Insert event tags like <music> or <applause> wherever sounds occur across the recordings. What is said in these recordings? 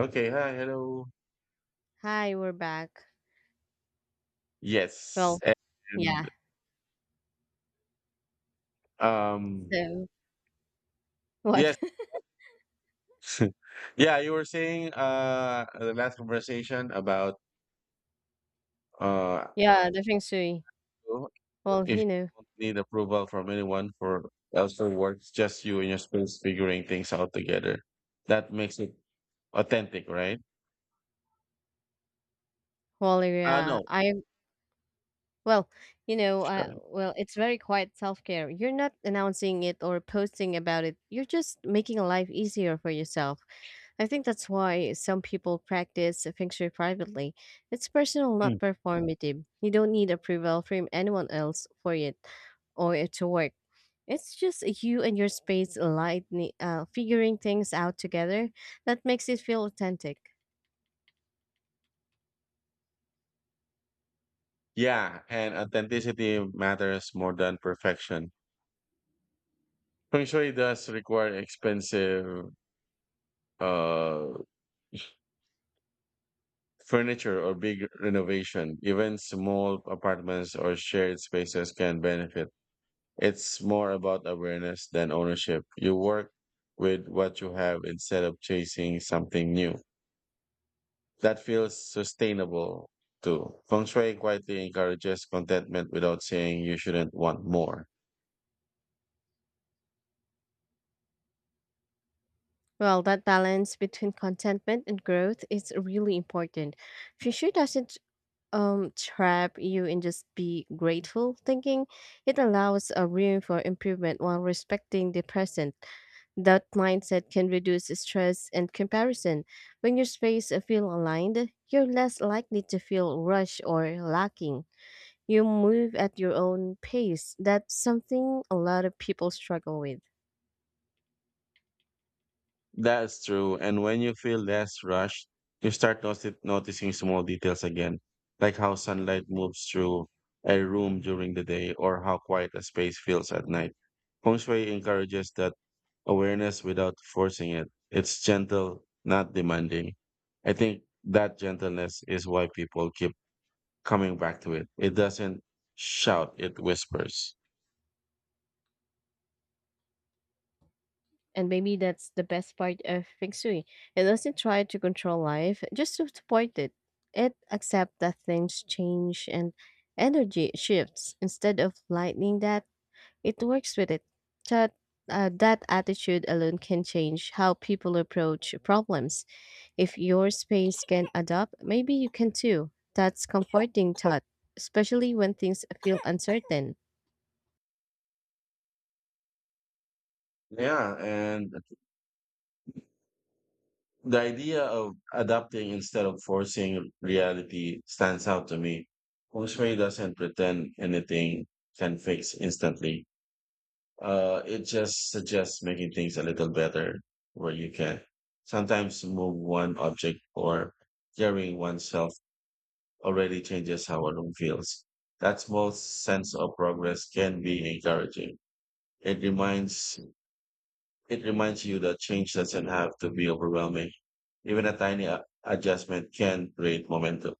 Okay, hi, hello. Hi, we're back. Yes, Well, and yeah. um, So what? yes, <laughs> <laughs> yeah. You were saying the last conversation about uh Yeah, the feng shui. Well, if you you know, don't need approval from anyone for elsewhere works, just you and your space figuring things out together. That makes it authentic, right? well, yeah. No. I well, you know, I Sure. well, it's very quiet self care. You're not announcing it or posting about it. You're just making life easier for yourself. I think that's why some people practice feng shui privately. It's personal, not Mm. performative. You don't need approval from anyone else for it or it to work. It's just you and your space lightning, figuring things out together that makes it feel authentic. Yeah, and authenticity matters more than perfection. Feng Shui does require expensive uh furniture or big renovation, even small apartments or shared spaces can benefit. It's more about awareness than ownership. You work with what you have instead of chasing something new. That feels sustainable too. Feng Shui quietly encourages contentment without saying you shouldn't want more. Well, that balance between contentment and growth is really important. Future doesn't trap you in just be grateful thinking. It allows a room for improvement while respecting the present. That mindset can reduce stress and comparison. When your space feel aligned, you're less likely to feel rushed or lacking. You move at your own pace. That's something a lot of people struggle with. That's true. And when you feel less rushed, you start noticing small details again, like how sunlight moves through a room during the day or how quiet a space feels at night. Feng Shui encourages that awareness without forcing it. It's gentle, not demanding. I think that gentleness is why people keep coming back to it. It doesn't shout, it whispers. And maybe that's the best part of Feng Shui. It doesn't try to control life, just to support it. It accepts that things change and energy shifts. Instead of lightning that, it works with it. That, that attitude alone can change how people approach problems. If your space can adapt, maybe you can too. That's comforting thought, especially when things feel uncertain. Yeah, and the idea of adapting instead of forcing reality stands out to me. Feng doesn't pretend anything can fix instantly. It just suggests making things a little better where you can. Sometimes move one object or carrying oneself already changes how a room feels. That small sense of progress can be encouraging. It reminds it reminds you that change doesn't have to be overwhelming. Even a tiny adjustment can create momentum.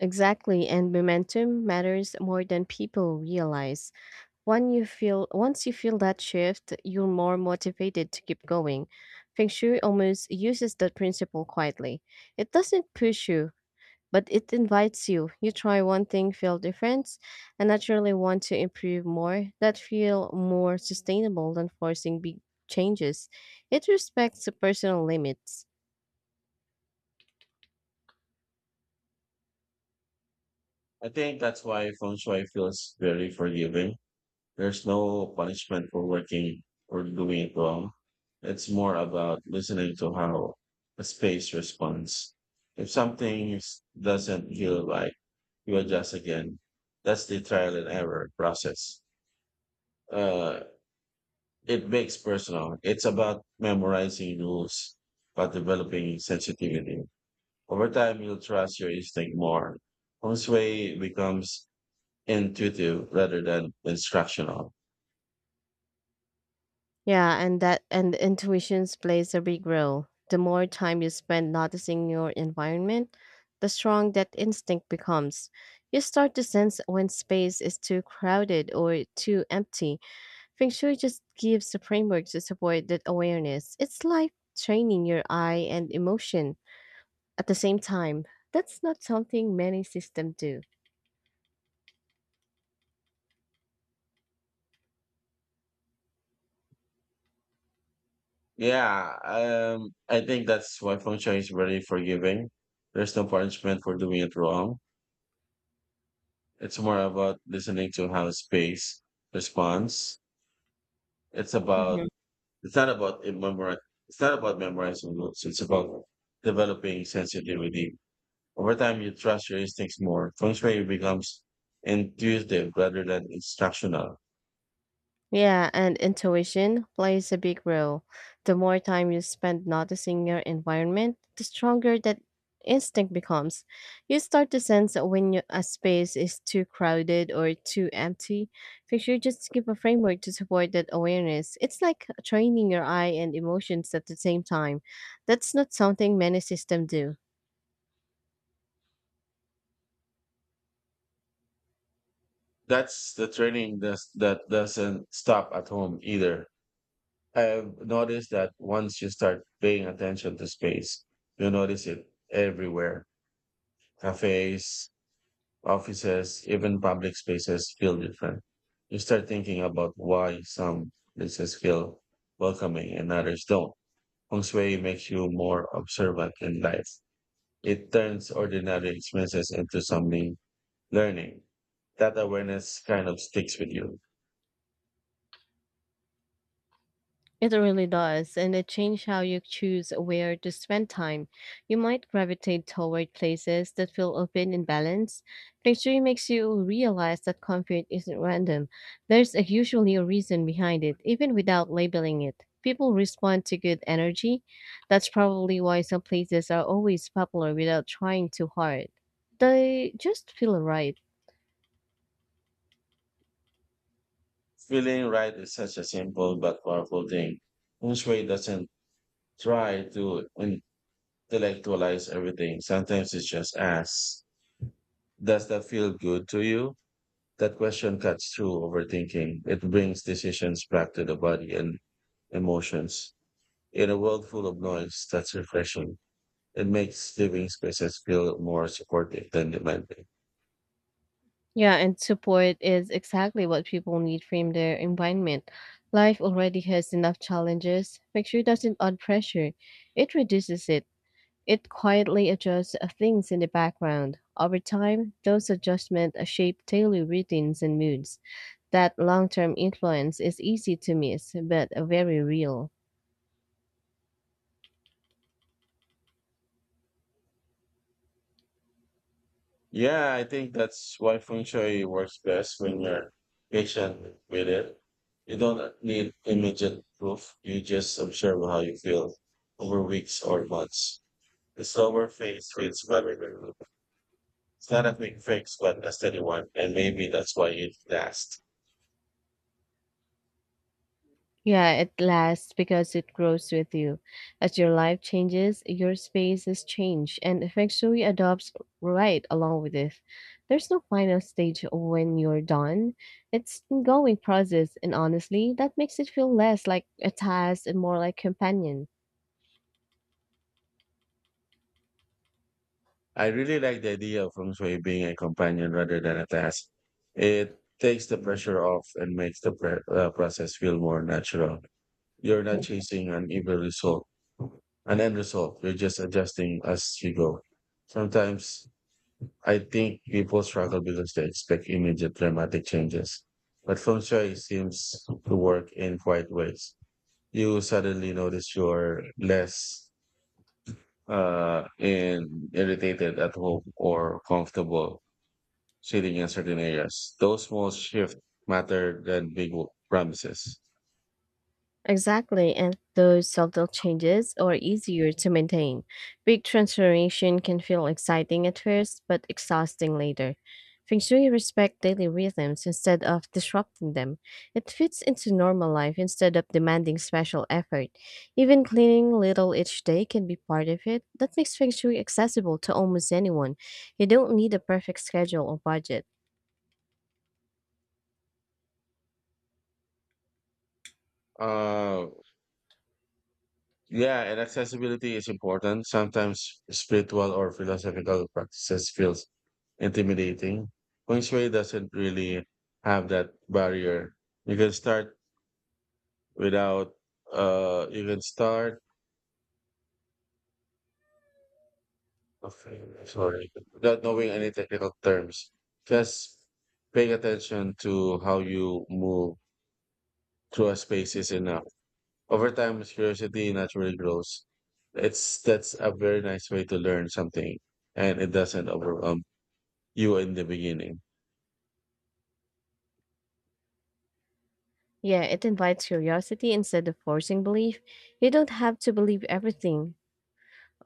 Exactly, and momentum matters more than people realize. When you feel once you feel that shift, you're more motivated to keep going. Feng Shui almost uses that principle quietly. It doesn't push you, but it invites you. You try one thing, feel difference, and naturally want to improve more. That feel more sustainable than forcing big changes. It respects the personal limits. I think that's why feng shui feels very forgiving. There's no punishment for working or doing it wrong. It's more about listening to how a space responds. If doesn't feel right, you adjust again. That's the trial and error process. Uh, It makes personal. It's about memorizing rules, but developing sensitivity. Over time, you'll trust your instinct more. Feng Shui becomes intuitive rather than instructional. Yeah, and intuitions plays a big role. The more time you spend noticing your environment, the strong that instinct becomes. You start to sense when space is too crowded or too empty. Feng Shui just gives the framework to support that awareness. It's like training your eye and emotion at the same time. That's not something many systems do. Yeah, I think that's why Feng Shui is very forgiving. There's no punishment for doing it wrong. It's more about listening to how space responds. It's about, Mm-hmm. it's not about it memori- it's not about memorizing rules. It's about developing sensitivity. Over time, you trust your instincts more. Feng Shui becomes intuitive rather than instructional. Yeah, and intuition plays a big role. The more time you spend noticing your environment, the stronger that instinct becomes. You start to sense when you- a space is too crowded or too empty. Picture just give a framework to support that awareness. It's like training your eye and emotions at the same time. That's not something many systems do. That's the training that's, that doesn't stop at home either. I've noticed that once you start paying attention to space, you notice it everywhere. Cafes, offices, even public spaces feel different. You start thinking about why some places feel welcoming and others don't. Feng Shui makes you more observant in life. It turns ordinary experiences into something learning. That awareness kind of sticks with you. It really does, and it changed how you choose where to spend time. You might gravitate toward places that feel open and balanced. Picturing makes you realize that comfort isn't random. There's a, usually a reason behind it, even without labeling it. People respond to good energy. That's probably why some places are always popular without trying too hard. They just feel right. Feeling right is such a simple but powerful thing. Feng Shui doesn't try to intellectualize everything. Sometimes it's just ask, does that feel good to you? That question cuts through overthinking. It brings decisions back to the body and emotions. In a world full of noise, that's refreshing. It makes living spaces feel more supportive than demanding. Yeah, and support is exactly what people need from their environment. Life already has enough challenges. Picture doesn't add pressure, it reduces it. It quietly adjusts things in the background. Over time, those adjustments shape daily routines and moods. That long term influence is easy to miss, but very real. Yeah, I think that's why feng shui works best when you're patient with it. You don't need immediate proof. You just observe how you feel over weeks or months. The slower phase feels very removed. It's not a quick fix, but a steady one, and maybe that's why it lasts. Yeah, it lasts because it grows with you. As your life changes, your spaces change, and feng shui adopts right along with it. There's no final stage when you're done. It's ongoing process, and honestly, that makes it feel less like a task and more like companion. I really like the idea of feng shui being a companion rather than a task. It takes the pressure off and makes the process feel more natural. You're not chasing an evil result, an end result. You're just adjusting as you go. Sometimes I think people struggle because they expect immediate dramatic changes, but feng shui seems to work in quiet ways. You suddenly notice you're less in irritated at home or comfortable sitting in certain areas. Those small shifts matter than promises. Exactly, and those subtle changes are easier to maintain. Big transformation can feel exciting at first, but exhausting later. Feng Shui respect daily rhythms instead of disrupting them. It fits into normal life instead of demanding special effort. Even cleaning little each day can be part of it. That makes Feng Shui accessible to almost anyone. You don't need a perfect schedule or budget. Uh Yeah, and accessibility is important. Sometimes spiritual or philosophical practices feels intimidating. Feng Shui doesn't really have that barrier. You can start without you can start, okay, sorry, without knowing any technical terms. Just paying attention to how you move through a space is enough. Over time curiosity naturally grows. It's that's a very nice way to learn something and it doesn't overwhelm you in the beginning. Yeah, it invites curiosity instead of forcing belief. You don't have to believe everything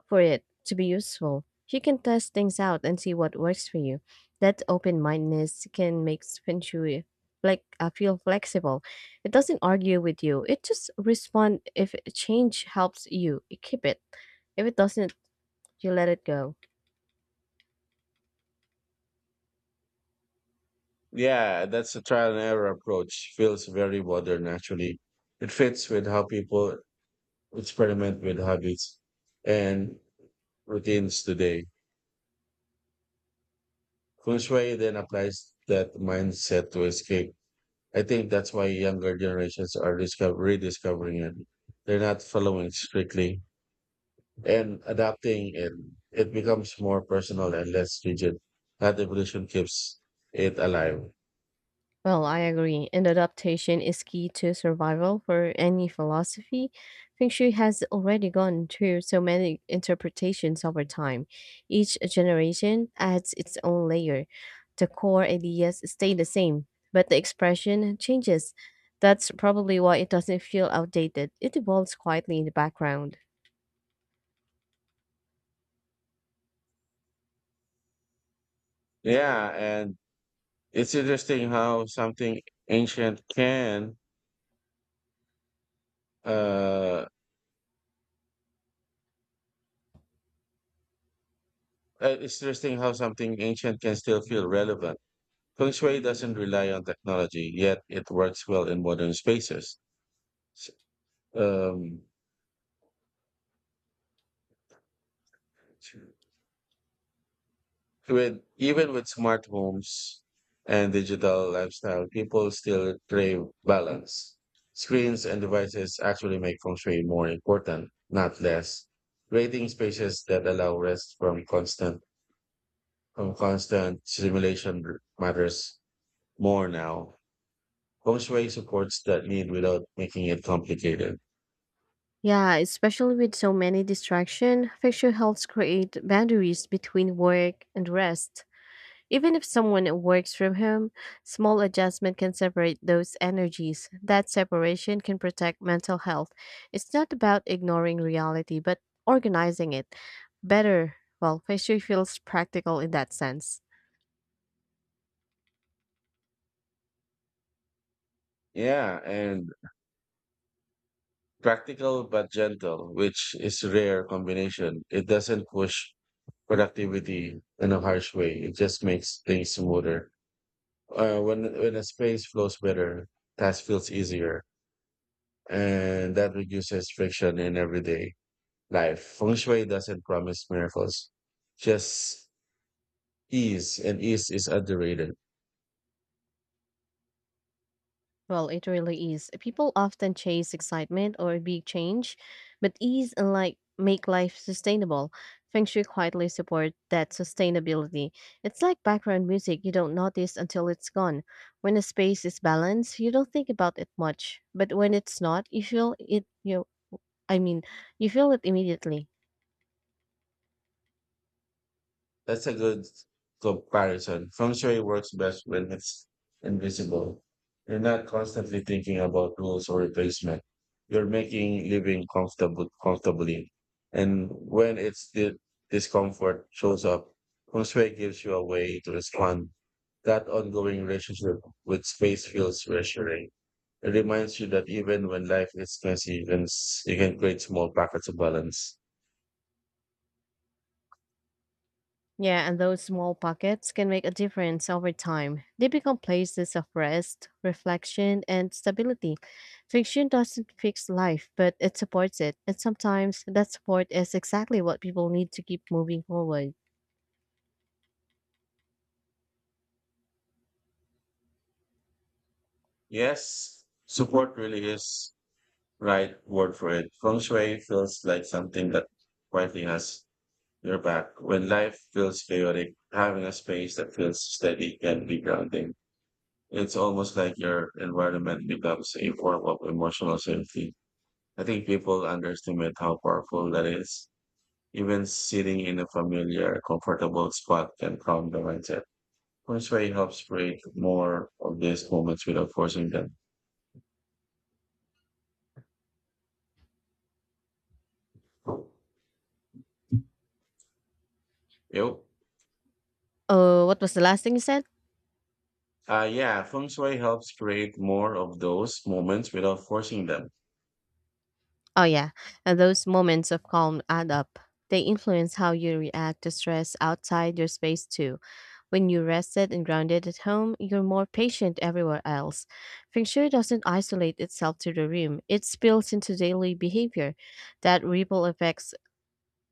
for it to be useful. You can test things out and see what works for you. That open mindedness can make Feng Shui feel flexible. It doesn't argue with you. It just responds if change helps you, you keep it. If it doesn't, you let it go. Yeah, that's a trial and error approach. Feels very modern actually. It fits with how people experiment with habits and routines today. Feng Shui then applies that mindset to escape. I think that's why younger generations are rediscovering it. They're not following strictly and adapting it. It becomes more personal and less rigid. That evolution keeps it alive. Well, I agree. And adaptation is key to survival for any philosophy. Feng Shui has already gone through so many interpretations over time. Each generation adds its own layer. The core ideas stay the same, but the expression changes. That's probably why it doesn't feel outdated. It evolves quietly in the background. Yeah, and It's interesting how something ancient can uh it's interesting how something ancient can still feel relevant. Feng Shui doesn't rely on technology, yet it works well in modern spaces. S- Um, with even with smart homes and digital lifestyle, people still crave balance. Screens and devices actually make feng shui more important, not less. Creating spaces that allow rest from constant stimulation matters more now. Feng Shui supports that need without making it complicated. Yeah, especially with so many distraction. Feng Shui helps create boundaries between work and rest. Even if someone works from home, small adjustment can separate those energies. That separation can protect mental health. It's not about ignoring reality, but organizing it better. Well, pastry feels practical in that sense. Yeah, and practical but gentle, which is a rare combination. It doesn't push productivity in a harsh way. It just makes things smoother. When a space flows better, task feels easier, and that reduces friction in everyday life. Feng Shui doesn't promise miracles, just ease, and ease is underrated. Well, it really is. People often chase excitement or big change, but ease and like make life sustainable. Feng Shui quietly support that sustainability. It's like background music you don't notice until it's gone. When a space is balanced, you don't think about it much, but when it's not, you feel it. I mean, you feel it immediately. That's a good comparison. Feng Shui works best when it's invisible. You're not constantly thinking about rules or replacement. You're making living comfortable comfortably. And when it's the discomfort shows up, Feng Shui gives you a way to respond. That ongoing relationship with space feels reassuring. It reminds you that even when life is messy, you can create small pockets of balance. Yeah, and those small pockets can make a difference over time. They become places of rest, reflection, and stability. Fiction doesn't fix life, but it supports it. And sometimes that support is exactly what people need to keep moving forward. Yes, support really is right word for it. Feng Shui feels like something that quietly has your back. When life feels chaotic, having a space that feels steady can be grounding. It's almost like your environment becomes a form of emotional safety. I think people underestimate how powerful that is. Even sitting in a familiar, comfortable spot can calm the mindset. Feng Shui helps create more of these moments without forcing them. Yep. Oh, what was the last thing you said? Yeah, feng shui helps create more of those moments without forcing them. Oh, yeah. And those moments of calm add up. They influence how you react to stress outside your space, too. When you're rested and grounded at home, you're more patient everywhere else. Feng Shui doesn't isolate itself to the room, it spills into daily behavior. That ripple effect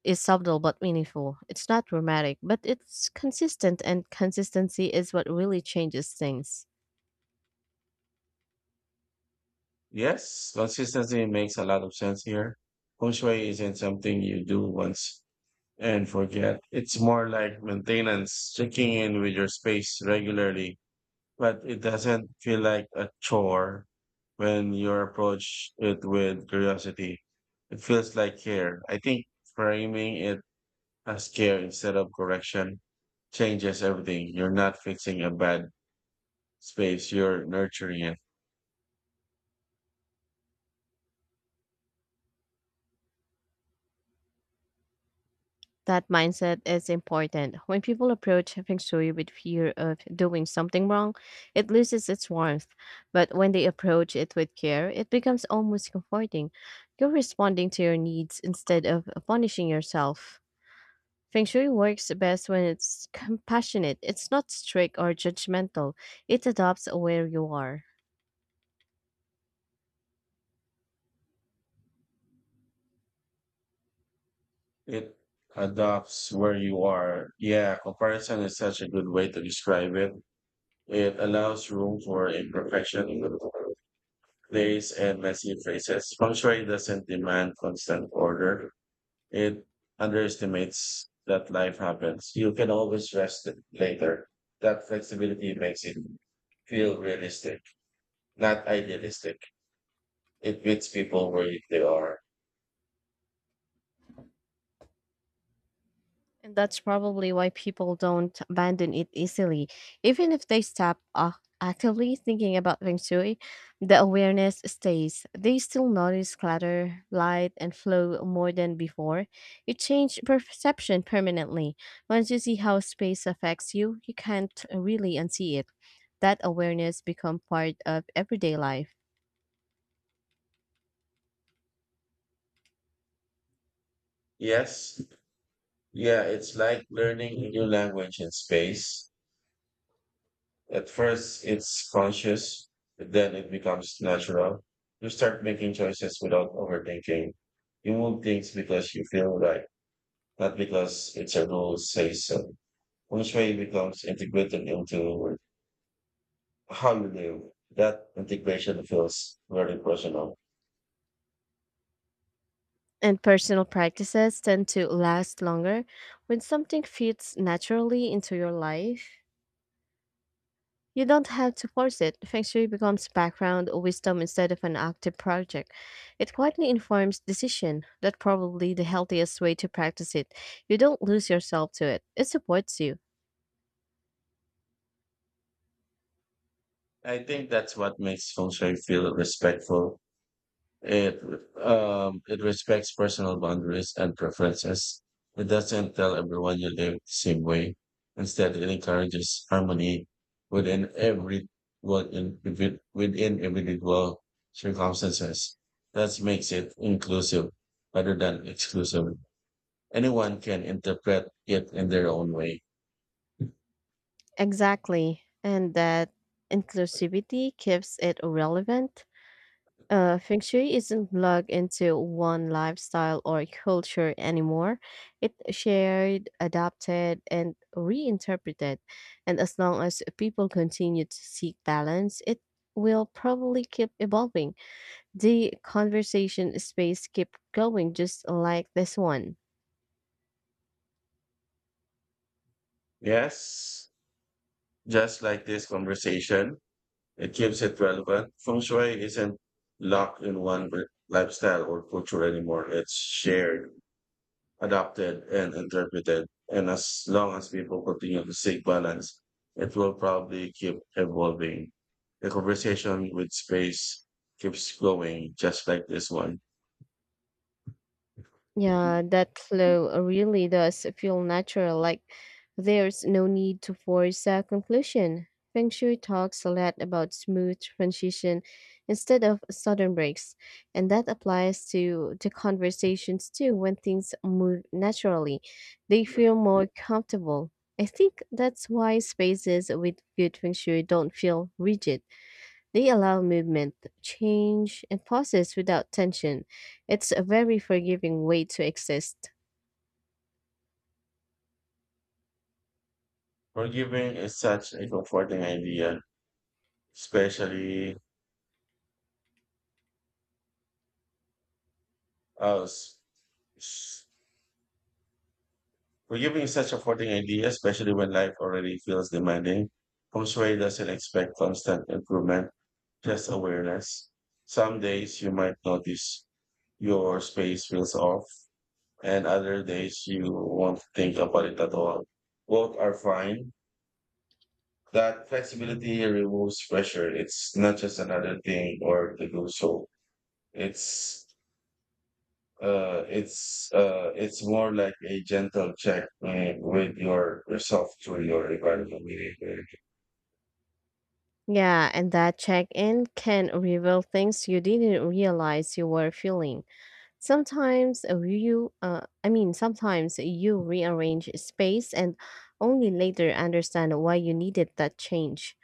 is subtle but meaningful. It's not dramatic, but it's consistent, and consistency is what really changes things. Yes, consistency makes a lot of sense here. Feng shui isn't something you do once and forget. It's more like maintenance, checking in with your space regularly, but it doesn't feel like a chore when you approach it with curiosity. It feels like care. I think framing it as care instead of correction changes everything. You're not fixing a bad space, you're nurturing it. That mindset is important. When people approach feng shui with fear of doing something wrong, it loses its warmth. But when they approach it with care, it becomes almost comforting. You're responding to your needs instead of punishing yourself. Feng shui works best when it's compassionate. It's not strict or judgmental. It adapts where you are. It adopts where you are. Yeah, comparison is such a good way to describe it. It allows room for imperfection, place and messy phases. Feng shui doesn't demand constant order. It underestimates that life happens, you can always rest it later. That flexibility makes it feel realistic, not idealistic. It meets people where they are. And that's probably why people don't abandon it easily. Even if they actively thinking about feng shui, the awareness stays. They still notice clutter, light, and flow more than before. It changed perception permanently. Once you see how space affects you, you can't really unsee it. That awareness become part of everyday life. Yes. Yeah, it's like learning a new language in space. At first, it's conscious, but then it becomes natural. You start making choices without overthinking. You move things because you feel right, not because it's a rule says so. Which way becomes integrated into how you live. That integration feels very personal. And personal practices tend to last longer when something fits naturally into your life. You don't have to force it. Feng Shui becomes background wisdom instead of an active project. It quietly informs decision. That's probably the healthiest way to practice it. You don't lose yourself to it. It supports you. I think that's what makes feng shui feel respectful. It it respects personal boundaries and preferences. It doesn't tell everyone you live the same way. Instead, it encourages harmony within every what in within within individual circumstances. That makes it inclusive rather than exclusive. Anyone can interpret it in their own way. Exactly. And that inclusivity keeps it relevant. Feng shui isn't plugged into one lifestyle or culture anymore. It shared, adapted, and reinterpreted. And as long as people continue to seek balance, it will probably keep evolving. The conversation space keep going just like this one. Yes, just like this conversation. It keeps it relevant. Feng Shui isn't locked in lifestyle or culture anymore. It's shared, adopted, and interpreted. And as long as people continue to seek balance, it will probably keep evolving. The conversation with space keeps going, just like this one. Yeah, that flow really does feel natural, like there's no need to force a conclusion. Feng Shui talks a lot about smooth transition instead of sudden breaks, and that applies to the conversations too when things move naturally. They feel more comfortable. I think that's why spaces with good Feng Shui don't feel rigid. They allow movement, change, and pauses without tension. It's a very forgiving way to exist. Forgiving is such a comforting idea, especially us Forgiving such a floating idea, especially when life already feels demanding, feng shui doesn't expect constant improvement, just awareness. Some days you might notice your space feels off, and other days you won't think about it at all. Both are fine. That flexibility removes pressure. It's not just another thing or to do so. It's it's more like a gentle check in with yourself through your environment. Yeah, and that check in can reveal things you didn't realize you were feeling. Sometimes you rearrange space and only later understand why you needed that change.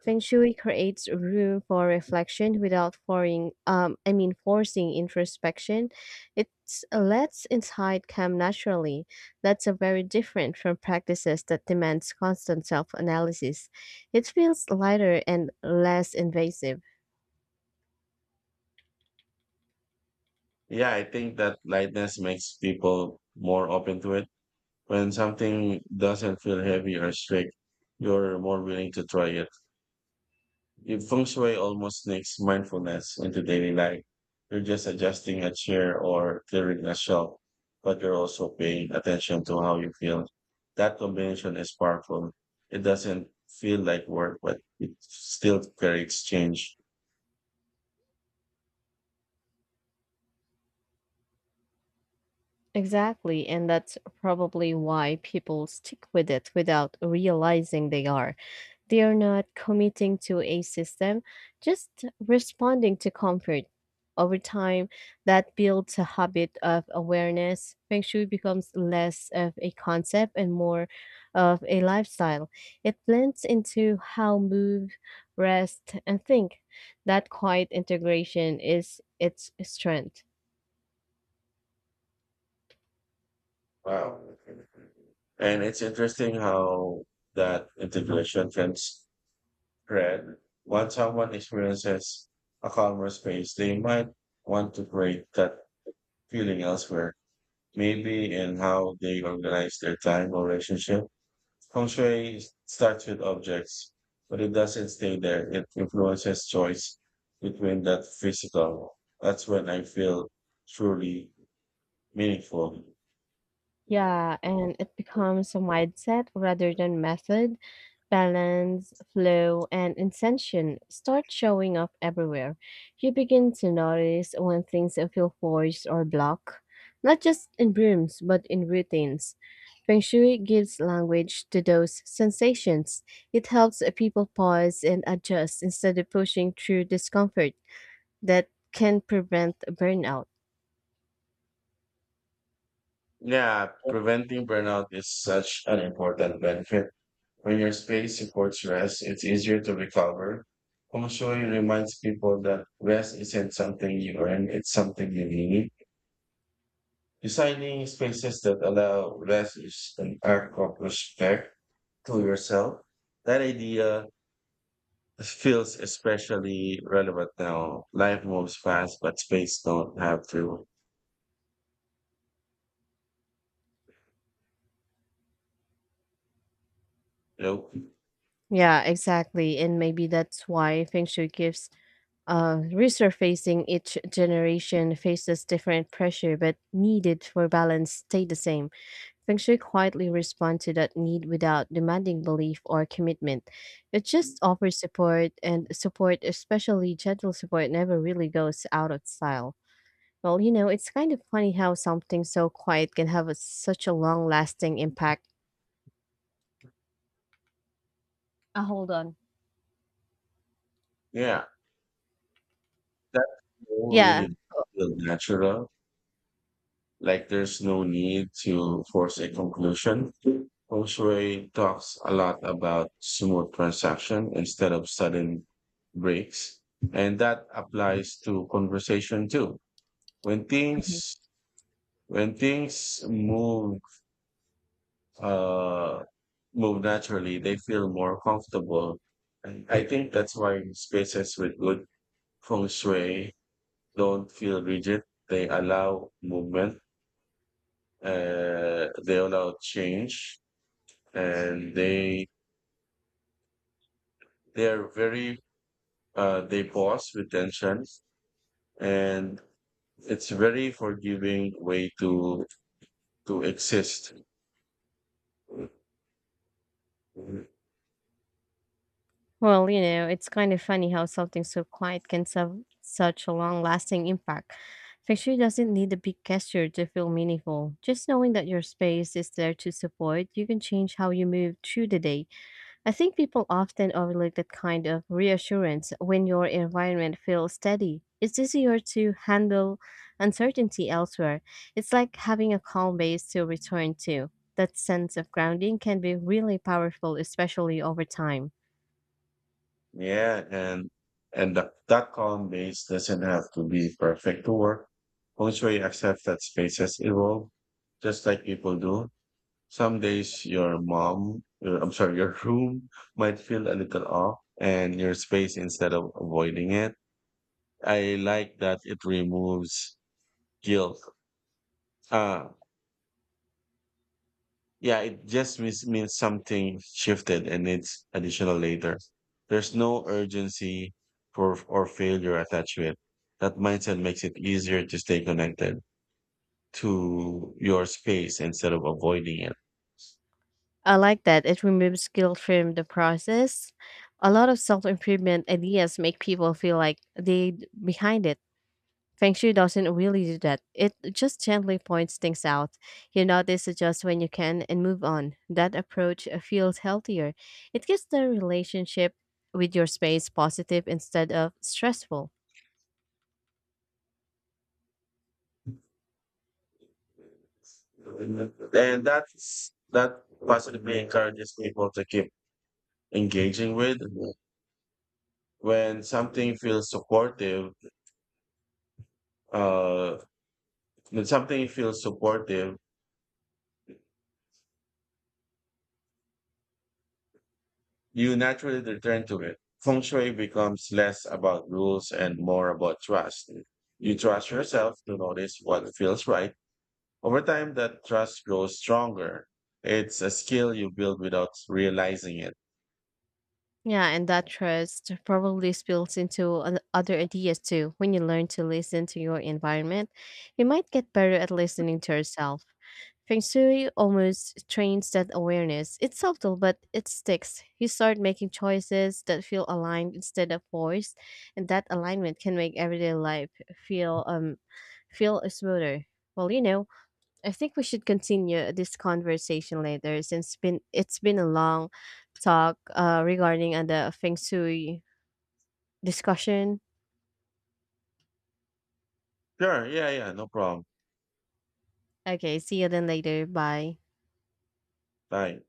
Feng Shui creates room for reflection without forcing introspection. It lets insight come naturally. That's a very different from practices that demands constant self-analysis. It feels lighter and less invasive. Yeah, I think that lightness makes people more open to it. When something doesn't feel heavy or strict, you're more willing to try it. If feng shui almost sneaks mindfulness into daily life, you're just adjusting a chair or clearing a shelf, but you're also paying attention to how you feel. That combination is powerful. It doesn't feel like work, but it still creates change. Exactly, and that's probably why people stick with it without realizing they are. They are not committing to a system, just responding to comfort. Over time, that builds a habit of awareness. Feng Shui becomes less of a concept and more of a lifestyle. It blends into how move, rest, and think. That quiet integration is its strength. Wow. And it's interesting how that integration can spread. Once someone experiences a calmer space, they might want to create that feeling elsewhere, maybe in how they organize their time or relationship. Feng Shui starts with objects, but it doesn't stay there. It influences choice between that physical. That's when I feel truly meaningful. Yeah, and it becomes a mindset rather than method. Balance, flow, and intention start showing up everywhere. You begin to notice when things feel forced or blocked, not just in rooms, but in routines. Feng Shui gives language to those sensations. It helps people pause and adjust instead of pushing through discomfort that can prevent burnout. Yeah, preventing burnout is such an important benefit. When your space supports rest, it's easier to recover. Feng Shui reminds people that rest isn't something you earn, it's something you need. Designing spaces that allow rest is an act of respect to yourself. That idea feels especially relevant now. Life moves fast, but space don't have to. You know? Yeah, exactly. And maybe that's why Feng Shui gives resurfacing each generation faces different pressure, but needed for balance stay the same. Feng Shui quietly responds to that need without demanding belief or commitment. It just offers support, and support, especially gentle support, never really goes out of style. Well, you know, it's kind of funny how something so quiet can have a, such a long lasting impact. Hold on. Yeah, that all Yeah. really feel natural. Like there's no need to force a conclusion. Feng Shui talks a lot about smooth transaction instead of sudden breaks, and that applies to conversation too when things when things uh move naturally, they feel more comfortable. And I think that's why spaces with good feng shui don't feel rigid. They allow movement, they allow change, and they they're very they pause with tension, and it's very forgiving way to exist. Well, you know, it's kind of funny how something so quiet can have such a long lasting impact. Fiction doesn't need a big gesture to feel meaningful. Just knowing that your space is there to support, you can change how you move through the day. I think people often overlook that kind of reassurance when your environment feels steady. It's easier to handle uncertainty elsewhere. It's like having a calm base to return to. That sense of grounding can be really powerful, especially over time. Yeah, and the that column base doesn't have to be perfect to work. Feng Shui accepts that spaces evolve, just like people do. Some days your mom, I'm sorry, your <laughs> room might feel a little off, and your space instead of avoiding it. I like that it removes guilt. Ah, yeah, it just means something shifted and it's additional later. There's no urgency for or failure attached to it. That mindset makes it easier to stay connected to your space instead of avoiding it. I like that. It removes guilt from the process. A lot of self improvement ideas make people feel like behind it. Feng Shui doesn't really do that. It just gently points things out. You notice adjust when you can and move on. That approach feels healthier. It gives the relationship with your space positive instead of stressful. And that's that possibly encourages people to keep engaging with when something feels supportive. Uh, when something feels supportive you naturally return to it. Feng Shui becomes less about rules and more about trust. You trust yourself to notice what feels right. Over time, that trust grows stronger. It's a skill you build without realizing it. Yeah, and that trust probably spills into other ideas too. When you learn to listen to your environment, you might get better at listening to yourself. Feng Shui almost trains that awareness. It's subtle, but it sticks. You start making choices that feel aligned instead of forced, and that alignment can make everyday life feel um feel smoother. Well, you know, I think we should continue this conversation later since been it's been a long talk regarding the feng shui discussion. Sure, yeah, no problem. Okay, see you then later. Bye. Bye.